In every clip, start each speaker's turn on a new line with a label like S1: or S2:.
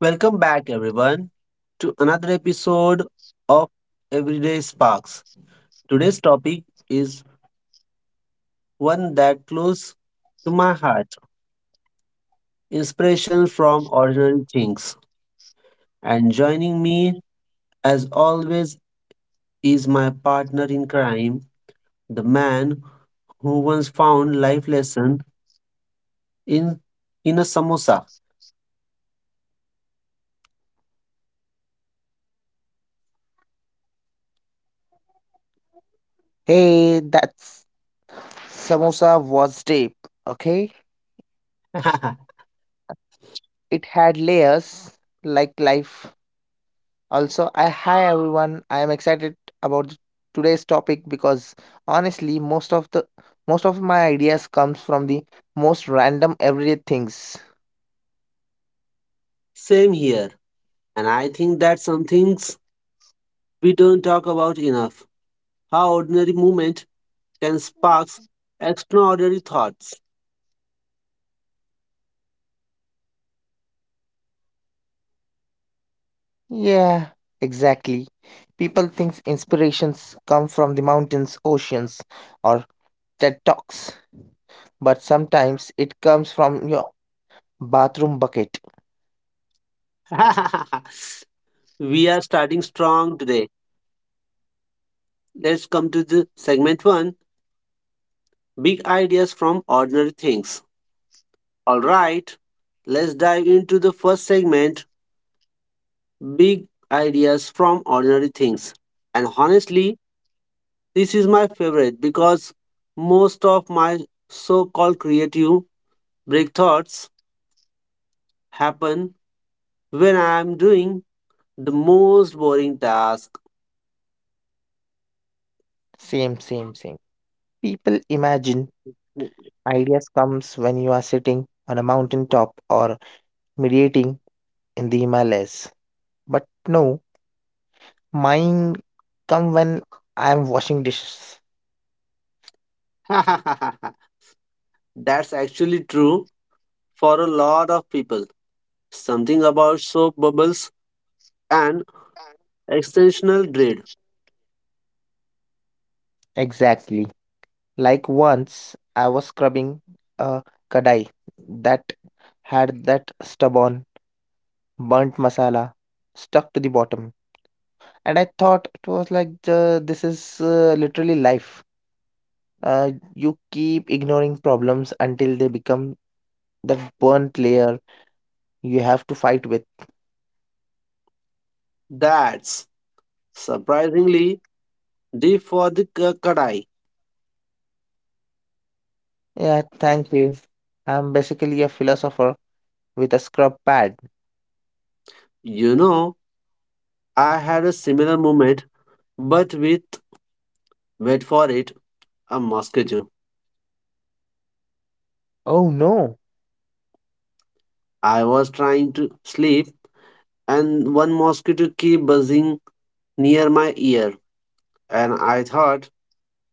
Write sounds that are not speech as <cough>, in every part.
S1: Welcome back, everyone, to another episode of Everyday Sparks. Today's topic is one that close to my heart inspiration from ordinary things. And joining me, as always, is my partner in crime, the man who once found life lesson in in a samosa.
S2: Hey, that's samosa was deep. Okay,
S1: <laughs>
S2: it had layers like life. Also, I hi everyone. I am excited about today's topic because honestly, most of my ideas comes from the most random everyday things.
S1: Same here. And I think that's some things we don't talk about enough. How ordinary moment can spark extraordinary thoughts.
S2: Yeah, exactly. People think inspirations come from the mountains, oceans, or TED Talks, but sometimes it comes from your bathroom bucket.
S1: <laughs> We are starting strong today. Let's come to the segment one big ideas from ordinary things. All right, let's dive into the first segment big ideas from ordinary things. And honestly, this is my favorite because most of my so called creative break thoughts happen when I am doing the most boring task.
S2: Same, same, same. People imagine ideas comes when you are sitting on a mountain top or meditating in the Himalayas. But no, mine come when I am washing dishes.
S1: <laughs> That's actually true for a lot of people. Something about soap bubbles and extensional dread.
S2: Exactly. Like once I was scrubbing a kadai that had that stubborn burnt masala stuck to the bottom and I thought it was like this is literally life. You keep ignoring problems until they become that burnt layer you have to fight with.
S1: That's surprisingly deep for the kadai.
S2: Yeah, thank you. I'm basically a philosopher with a scrub pad.
S1: You know, I had a similar moment, but with, wait for it, a mosquito.
S2: Oh no.
S1: I was trying to sleep, and one mosquito kept buzzing near my ear, and I thought,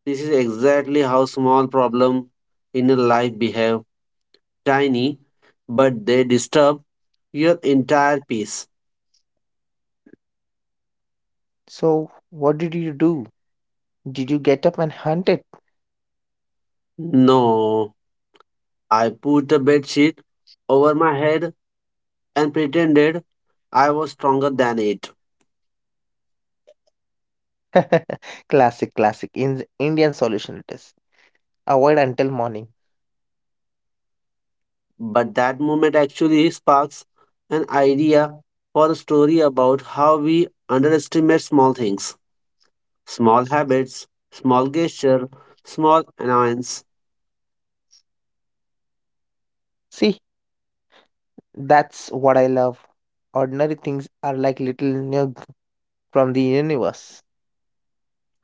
S1: this is exactly how small problem in a life behave tiny, but they disturb your entire peace.
S2: So, what did you do? Did you get up and hunt it?
S1: No, I put a bed sheet over my head and pretended I was stronger than it.
S2: <laughs> Classic, classic. In Indian solution it is. Avoid until morning.
S1: But that moment actually sparks an idea for a story about how we underestimate small things, small habits, small gesture, small annoyance.
S2: See, that's what I love. Ordinary things are like little nugs from the universe.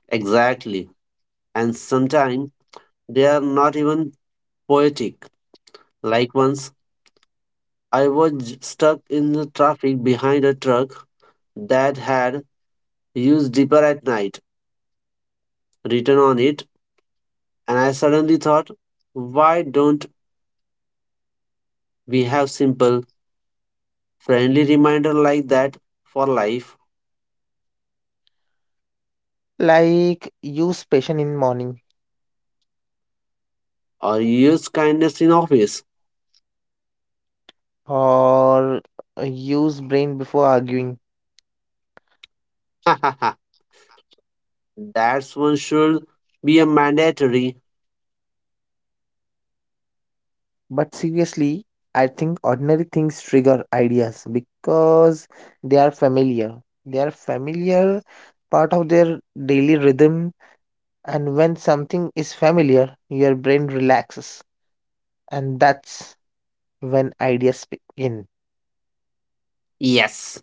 S1: Exactly. And sometimes they are not even poetic, like once I was stuck in the traffic behind a truck that had used Deeper at Night written on it, and I suddenly thought, why don't we have simple, friendly reminder like that for life
S2: Like use passion in morning
S1: or use kindness in office?
S2: or use brain before arguing.
S1: <laughs> That's one should be a mandatory
S2: But seriously, I think ordinary things trigger ideas because they are familiar. They are familiar part of their daily rhythm, and when something is familiar, your brain relaxes, and that's when ideas begin.
S1: yes.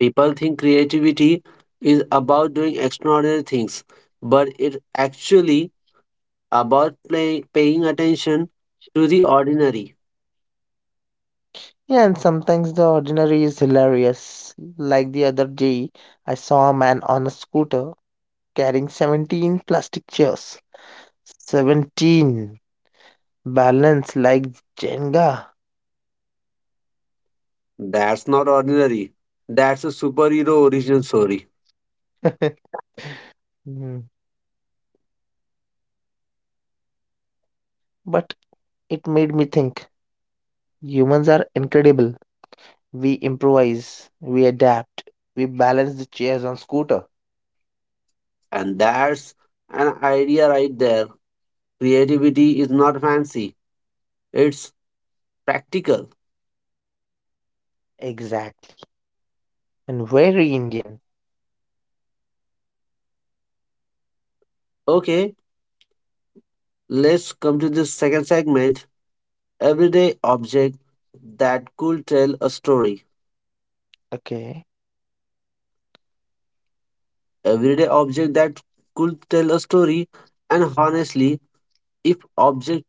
S1: People think creativity is about doing extraordinary things, but it actually about play, paying attention to the ordinary.
S2: Yeah, and sometimes the ordinary is hilarious. Like the other day, I saw a man on a scooter carrying 17 plastic chairs. 17. Balance like Jenga.
S1: That's not ordinary. That's a superhero origin story.
S2: <laughs> Hmm. But it made me think humans are incredible. We improvise, we adapt, we balance the chairs on scooter.
S1: And that's an idea right there. Creativity is not fancy, it's practical.
S2: Exactly. And very Indian.
S1: Okay, let's come to the second segment everyday object that could tell a story.
S2: Okay.
S1: Everyday object that could tell a story. And honestly, if object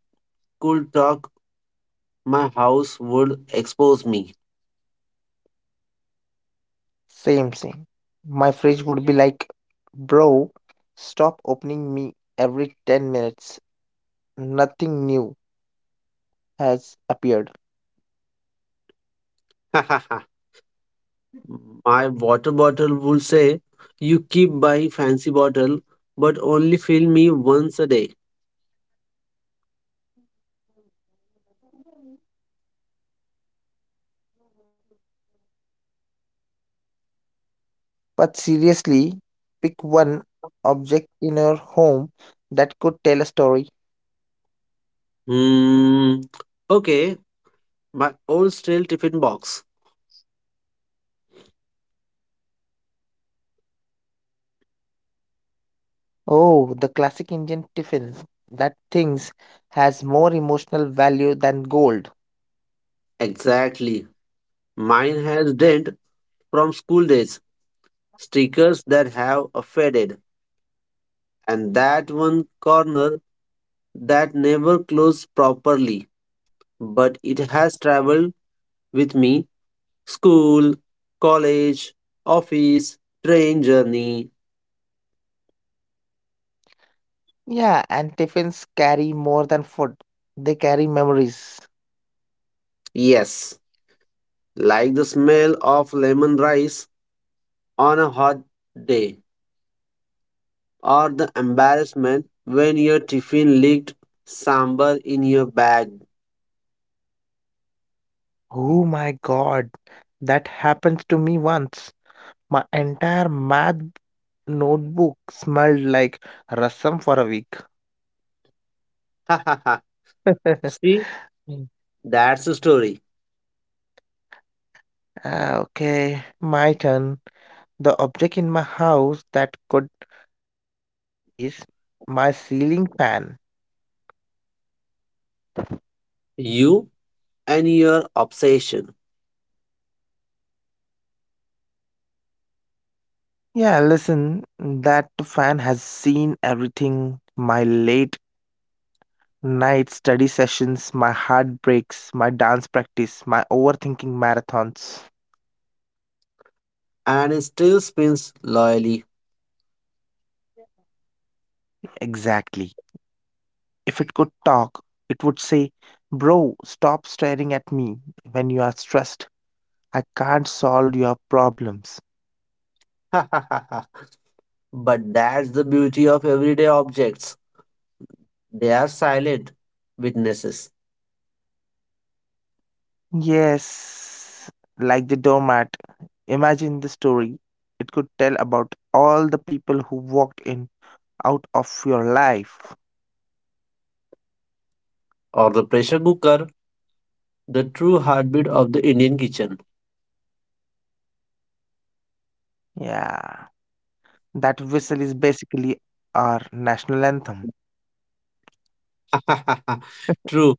S1: could talk, my house would expose me.
S2: Same, same. My fridge would be like, bro, stop opening me every 10 minutes. Nothing new has appeared.
S1: <laughs> My water bottle would say, you keep buying fancy bottle, but only fill me once a day.
S2: But seriously, pick one object in your home that could tell a story.
S1: Hmm. Okay, my old stale tiffin box.
S2: Oh, the classic Indian tiffin. That things has more emotional value than gold.
S1: Exactly. Mine has dent from school days, stickers that have a faded, and that one corner that never closed properly, but it has traveled with me school, college, office, train journey.
S2: Yeah, and tiffins carry more than food. They carry memories.
S1: Yes, like the smell of lemon rice on a hot day, or the embarrassment when your tiffin leaked sambar in your bag. <laughs>
S2: Oh my god, that happened to me once. My entire math notebook smelled like rasam for a week.
S1: Ha ha ha.
S2: <laughs>
S1: See,
S2: Mm.
S1: that's the story.
S2: Ah, okay, my turn. The object in my house that could tell a story is my ceiling fan.
S1: You and your obsession,
S2: Yeah, listen, that fan has seen everything, my late night study sessions, my heartbreaks, my dance practice, my overthinking marathons.
S1: and it still spins loyally.
S2: Exactly. If it could talk, it would say, "Bro, stop staring at me when you are stressed. I can't solve your problems."
S1: <laughs> Ha ha ha ha. But that's the beauty of everyday objects. They are silent witnesses,
S2: Yes, like the doormat. Imagine the story it could tell about all the people who walked in out of your life.
S1: or the pressure cooker, the true heartbeat of the Indian kitchen.
S2: Yeah, that whistle is basically our national anthem.
S1: <laughs> ha ha ha. True.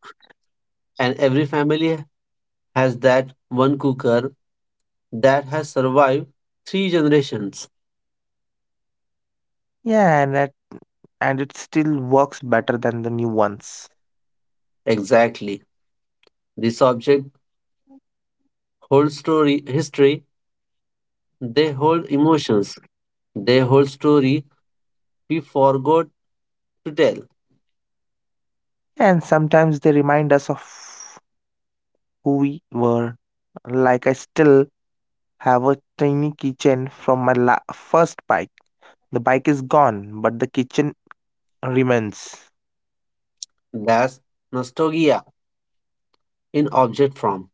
S1: And every family has that one cooker that has survived three generations.
S2: Yeah, and it still works better than the new ones.
S1: Exactly. This object holds story history, they hold emotions, they hold story we forgot to tell.
S2: And sometimes they remind us of who we were. Like I still have a tiny keychain from my first bike. The bike is gone, but the kitchen remains.
S1: That's nostalgia in object form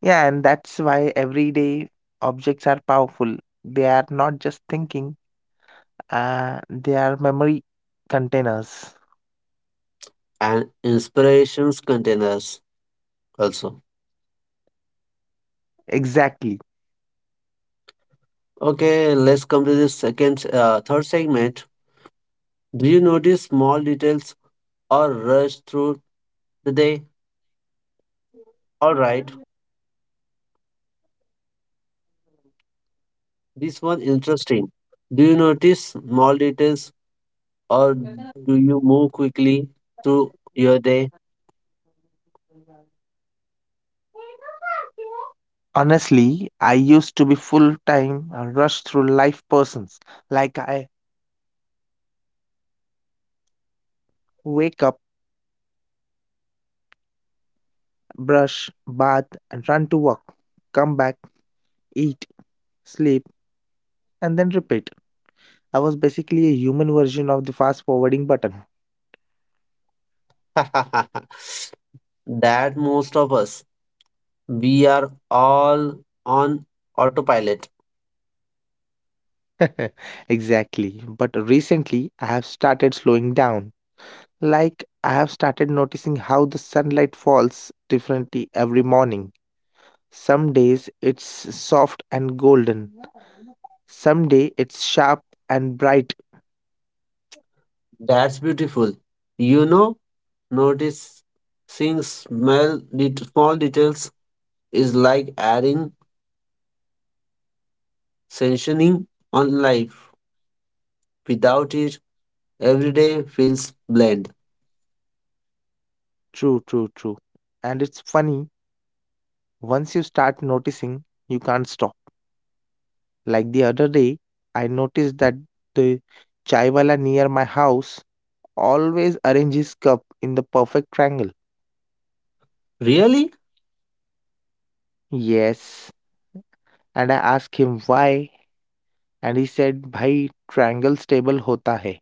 S2: Yeah, and that's why everyday objects are powerful. They are not just thinking, they are memory containers.
S1: and inspirations containers also.
S2: Exactly.
S1: Okay, let's come to the second third segment. Do you notice small details or rush through the day? All right. This was interesting. Do you notice small details or do you move quickly through your day?
S2: Honestly, I used to be full time rush through life persons. Like I wake up, brush, bath, and run to work, come back, eat, sleep, and then repeat. I was basically a human version of the fast forwarding button.
S1: <laughs> that most of us. We are all on autopilot.
S2: <laughs> Exactly. But recently, I have started slowing down. Like I have started noticing how the sunlight falls differently every morning. Some days it's soft and golden. Some day it's sharp and bright.
S1: That's beautiful. You know, notice seeing small, small details is like adding sanctioning on life. Without it, every day feels bland.
S2: True, true, true. And it's funny, once you start noticing, you can't stop. Like the other day, I noticed that the chaiwala near my house always arranges cup in the perfect triangle.
S1: Really?
S2: Yes. And I asked him why, and he said, "Bhai, triangle stable hota hai."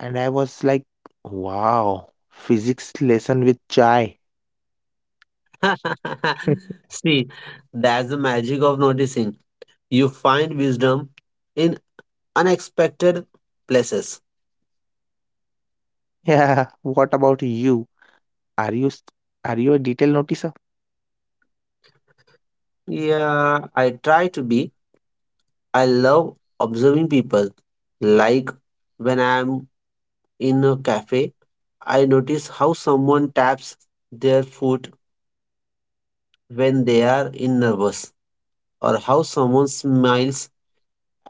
S2: And I was like, wow, physics lesson with chai. <laughs>
S1: <laughs> See, that's the magic of noticing. You find wisdom in unexpected places.
S2: Yeah, <laughs> what about you? Are you s- are you a detail noticer?
S1: Yeah, I try to be. I love observing people. Like when I'm in a cafe, I notice how someone taps their foot when they are in nervous, or how someone smiles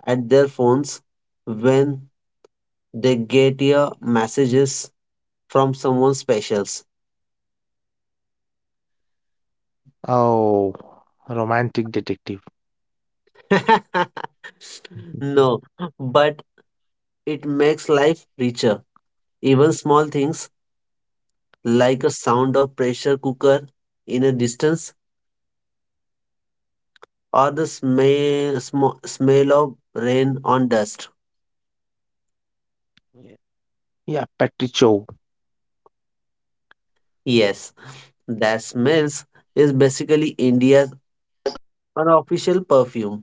S1: at their phones when they get your messages from someone special.
S2: Oh, romantic detective.
S1: <laughs>
S2: <laughs> Mhm.
S1: No, but it makes life richer. Even small things like a sound of pressure cooker in a distance or the smell of rain on dust.
S2: Yeah, yeah, Patrick Cho.
S1: Yes, that smells is basically India's unofficial perfume.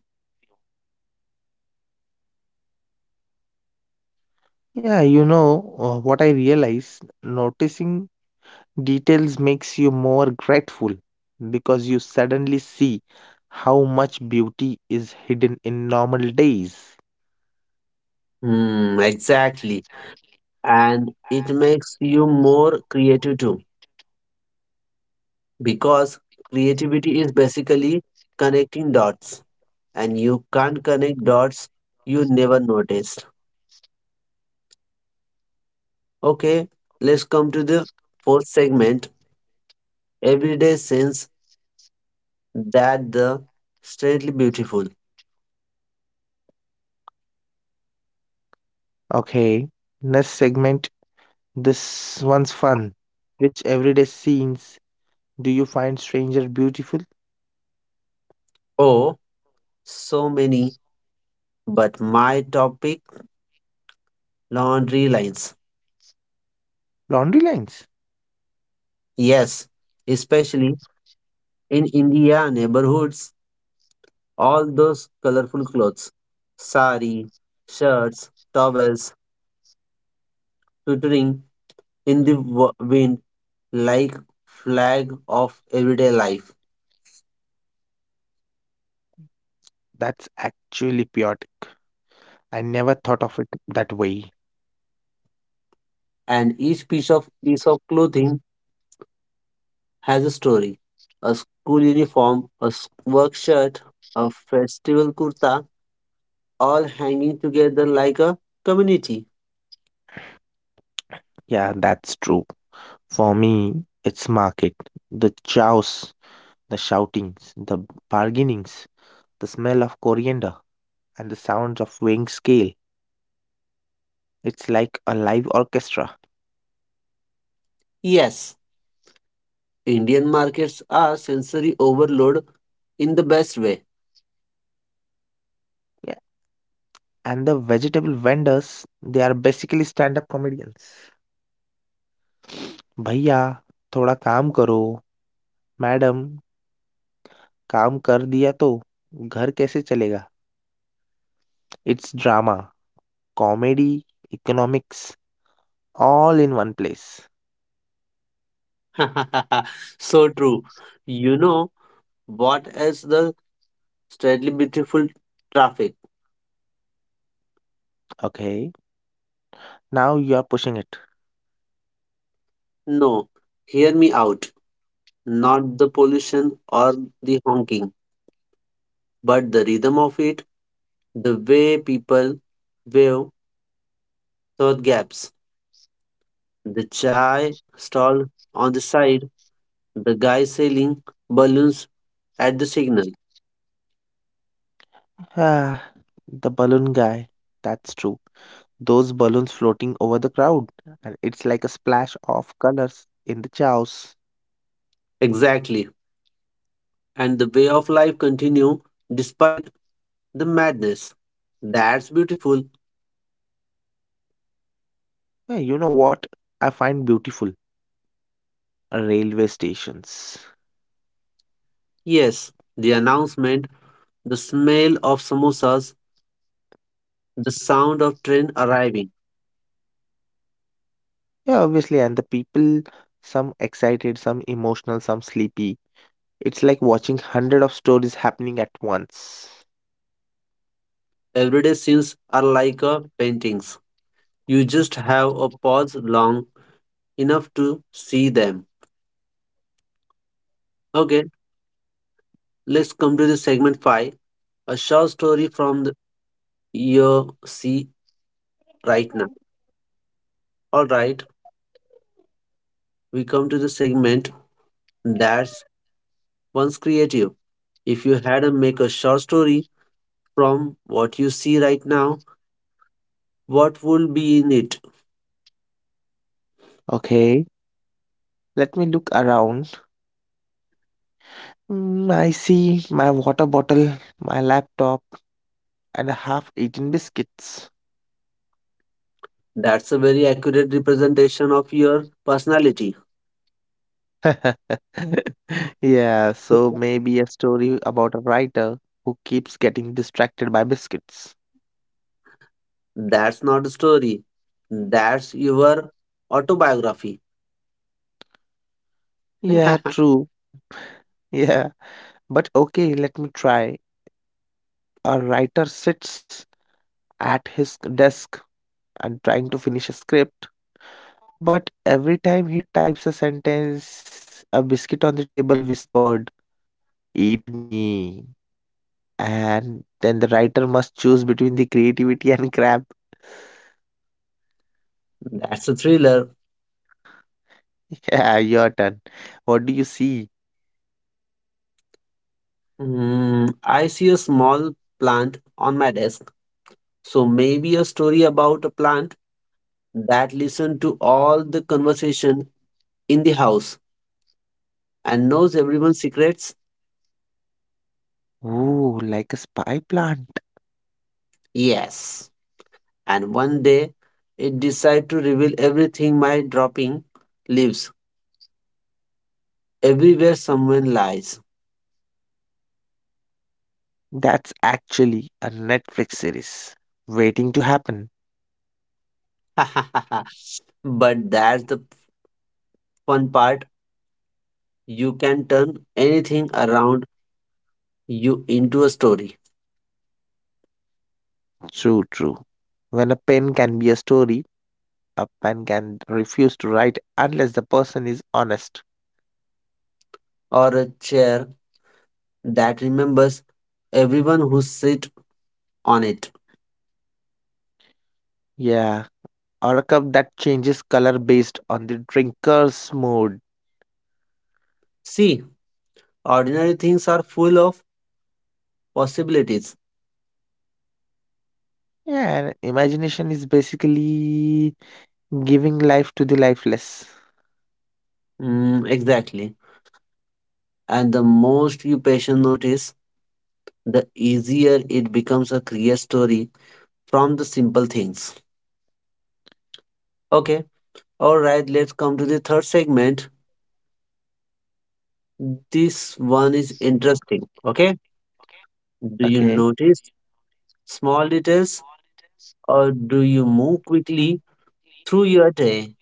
S2: Yeah, you know what I realize? Noticing details makes you more grateful because you suddenly see how much beauty is hidden in normal days.
S1: Hmm, exactly. And it makes you more creative too, because creativity is basically connecting dots. And you can't connect dots you never noticed. Okay, let's come to the fourth segment everyday sins that the strangely beautiful.
S2: Okay, next segment. This one's fun. Which everyday scenes do you find stranger beautiful?
S1: Oh, so many, but my topic laundry lines.
S2: Laundry lines.
S1: Yes, especially in India neighborhoods, all those colorful clothes, sari, shirts, towels, twittering in the wind like flag of everyday life.
S2: That's actually chaotic. I never thought of it that way.
S1: And each piece of clothing has a story. A school uniform, a work shirt, a festival kurta, all hanging together like a community.
S2: Yeah, that's true. For me, it's market. The chows, the shoutings, the bargainings, the smell of coriander, and the sounds of weighing scale. It's like a live orchestra.
S1: Yes, Indian markets are sensory overload in the best way.
S2: Yeah. And the vegetable vendors, they are basically stand-up comedians. भैया थोड़ा काम करो madam काम कर दिया तो घर कैसे चलेगा it's drama comedy economics all in one place.
S1: <laughs> So true. You know what is the steadily beautiful? Traffic.
S2: Okay, now you are pushing it.
S1: No, hear me out. Not the pollution or the honking, but the rhythm of it, the way people wave thought gaps, the chai stall on the side, the guy selling balloons at the signal.
S2: Ah, the balloon guy. That's true. Those balloons floating over the crowd, and it's like a splash of colors in the chaos.
S1: Exactly. And the way of life continue despite the madness. That's beautiful.
S2: Yeah, you know what I find beautiful? Railway stations.
S1: Yes, the announcement, the smell of samosas, the sound of train arriving.
S2: Yeah, obviously, and the people, some excited, some emotional, some sleepy. It's like watching hundred of stories happening at once.
S1: Everyday scenes are like a paintings. You just have a pause long enough to see them. Okay, let's come to the segment 5 a short story from the your see right now. All right, we come to the segment that's once creative. If you had to make a short story from what you see right now, what would be in it?
S2: Okay, let me look around. Mm, I see my water bottle, my laptop, and a half-eaten biscuits.
S1: That's a very accurate representation of your personality.
S2: <laughs> Yeah, so maybe a story about a writer who keeps getting distracted by biscuits.
S1: That's not a story. That's your autobiography.
S2: Yeah,
S1: <laughs>
S2: true. Yeah, but okay, let me try. A writer sits at his desk and trying to finish a script, but every time he types a sentence, a biscuit on the table whispered, "Eat me." And then the writer must choose between the creativity and crap.
S1: That's a thriller.
S2: <laughs> Yeah, your turn. What do you see?
S1: Mm, I see a small plant on my desk. So maybe a story about a plant that listened to all the conversation in the house and knows everyone's secrets?
S2: Ooh, like a spy plant.
S1: Yes. And one day it decide to reveal everything by dropping leaves everywhere someone lies.
S2: That's actually a Netflix series waiting to happen.
S1: <laughs> But that's the fun part. You can turn anything around you into a story
S2: True, true. When a pen can be a story, a pen can refuse to write unless the person is honest.
S1: or a chair that remembers everyone who sit on it.
S2: Yeah, or a cup that changes color based on the drinker's mood.
S1: See, ordinary things are full of possibilities.
S2: Yeah, and imagination is basically giving life to the lifeless.
S1: Mm, exactly. And the most you patient notice, the easier it becomes a clear story from the simple things. Okay. All right. Let's come to the third segment. This one is interesting. Okay. Do you
S2: Okay.
S1: notice small details or do you move quickly through your day?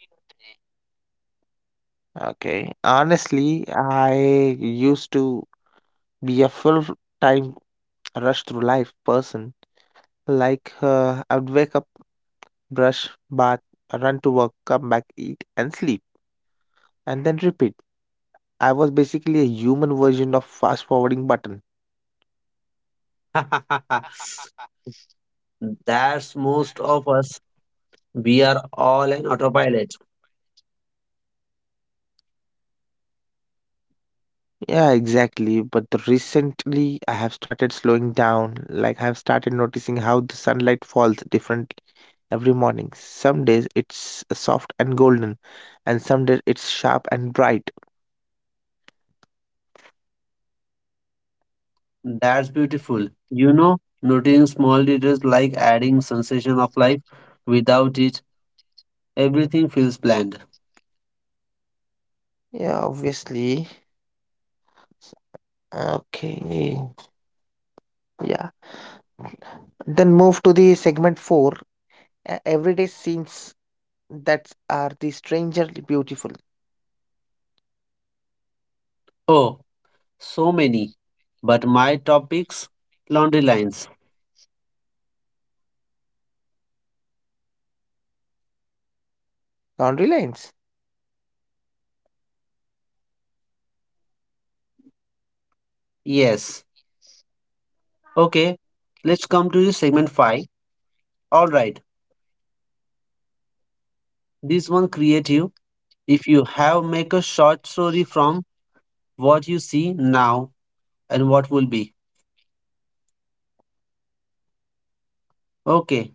S2: Okay. Honestly, I used to be a full-time rush through life person. Like, I'd wake up, brush, bath, run to work, come back, eat, and sleep, and then repeat. I was basically a human version of fast forwarding button.
S1: <laughs>
S2: <laughs>
S1: That's most of us. We are all an autopilot.
S2: Yeah, exactly. But the recently, I have started slowing down. Like, I have started noticing how the sunlight falls differently every morning. Some days it's soft and golden, and some days it's sharp and bright.
S1: That's beautiful. You know, noting small details like adding sensation of life. Without it, everything feels bland.
S2: Yeah, obviously. S- okay. Yeah. Then move to the segment four, everyday scenes that are the strangely beautiful.
S1: Oh, so many. But my topics, laundry lines.
S2: Boundary lines.
S1: Yes. Okay. Let's come to the segment five. All right. This one creative. If you have make a short story from what you see now and what will be. Okay.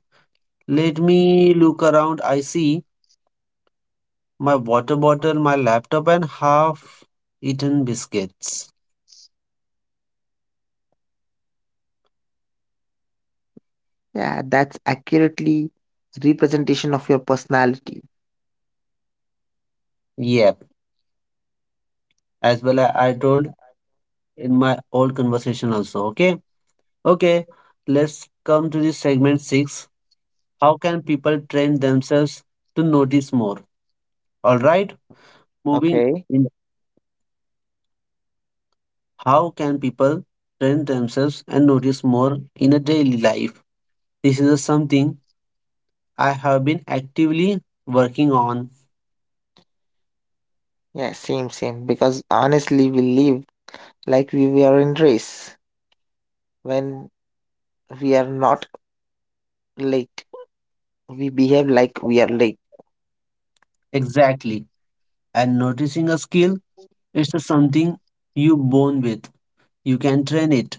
S1: Let me look around. I see my water bottle, my laptop, and half eaten biscuits.
S2: Yeah, that's accurately representation of your personality.
S1: Yep, as well as I told in my old conversation also. Okay, okay, let's come to the segment six. How can people train themselves to notice more? All right, moving
S2: Okay.
S1: in. How can people train themselves and notice more in a daily life? This is something I have been actively working on.
S2: Yeah, same, same. Because honestly, we live like we are in race. When we are not late, we behave like we are late.
S1: Exactly, and noticing a skill. It's just something you born with. You can train it.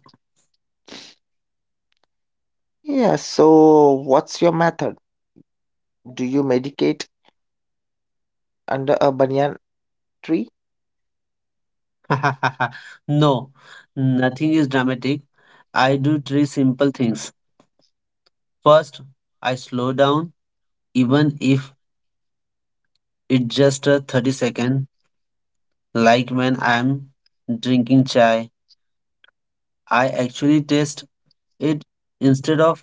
S2: Yeah, so what's your method? Do you medicate under a banyan tree?
S1: <laughs> No, nothing is dramatic. I do three simple things. First, I slow down, even if it's just a 30-second, like when I'm drinking chai. I actually taste it instead of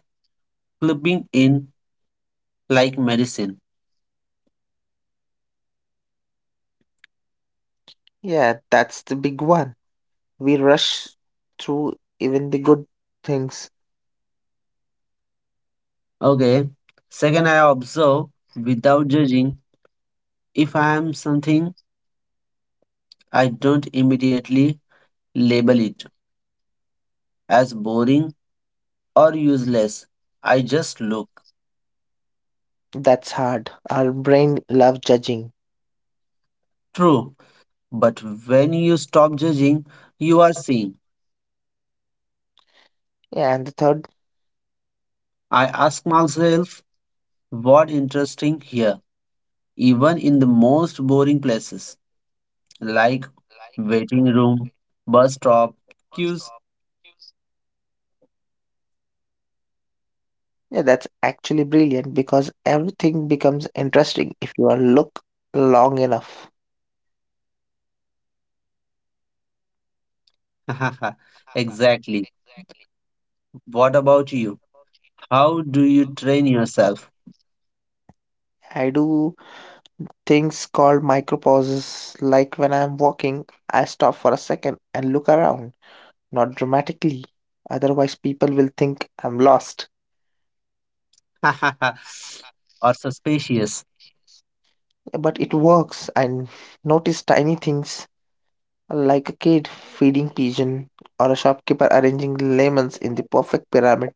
S1: clipping in like medicine.
S2: Yeah, that's the big one. We rush through even the good things.
S1: Okay. Second, I observe without judging. If I am something, I don't immediately label it as boring or useless. I just look.
S2: That's hard. Our brain love judging.
S1: True, but when you stop judging, you are seeing.
S2: Yeah, and the third?
S1: I ask myself, what interesting here, even in the most boring places like waiting room, bus stop, queues.
S2: Yeah, that's actually brilliant because everything becomes interesting if you are look long enough.
S1: <laughs>
S2: <laughs>
S1: Exactly.
S2: Exactly.
S1: What about
S2: What
S1: you?
S2: about you?
S1: How do you train yourself?
S2: How I do things called micropauses, like when I'm walking, I stop for a second and look around, not dramatically. Otherwise, people will think I'm lost.
S1: <laughs> Or suspicious?
S2: But it works. I notice tiny things like a kid feeding pigeon or a shopkeeper arranging lemons in the perfect pyramid.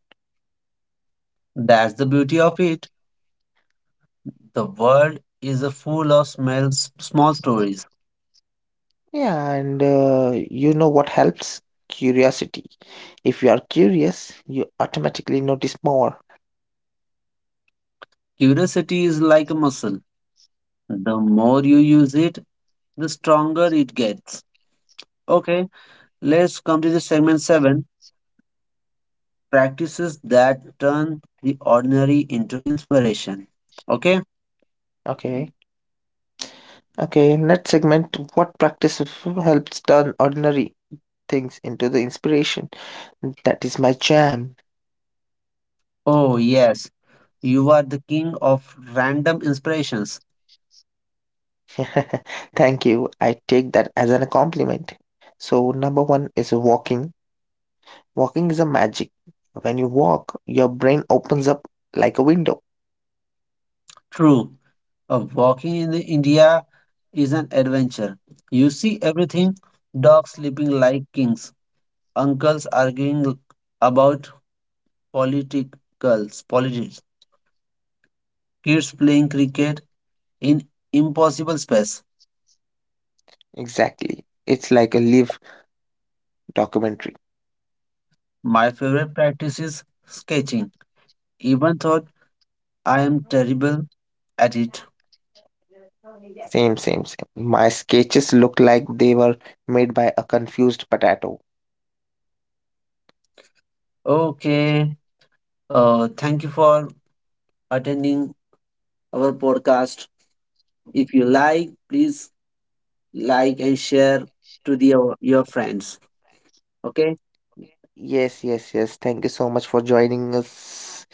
S1: That's the beauty of it. The world is full of smells, small stories.
S2: Yeah, and you know what helps? Curiosity. If you are curious, you automatically notice more.
S1: Curiosity is like a muscle. The more you use it, the stronger it gets. Okay, let's come to the segment 7 practices that turn the ordinary into inspiration. Okay,
S2: Okay. Okay, next segment, what helps turn ordinary things into the inspiration? That is my jam.
S1: oh yes, you are the king of random inspirations.
S2: <laughs> Thank you. I take that as a compliment. So, number one is walking. Walking is a magic. When you walk, your brain opens up like a window.
S1: True, a walking in the India is an adventure. You see everything, dogs sleeping like kings, uncles arguing about politics, kids playing cricket in impossible space.
S2: Exactly. It's like a live documentary.
S1: My favorite practice is sketching, even though I am terrible at it.
S2: Same, same, same. My sketches look like they were made by a confused potato.
S1: Okay, thank you for attending our podcast. If you like, please like and share to your friends. Okay.
S2: Yes, yes, yes. Thank you so much for joining us.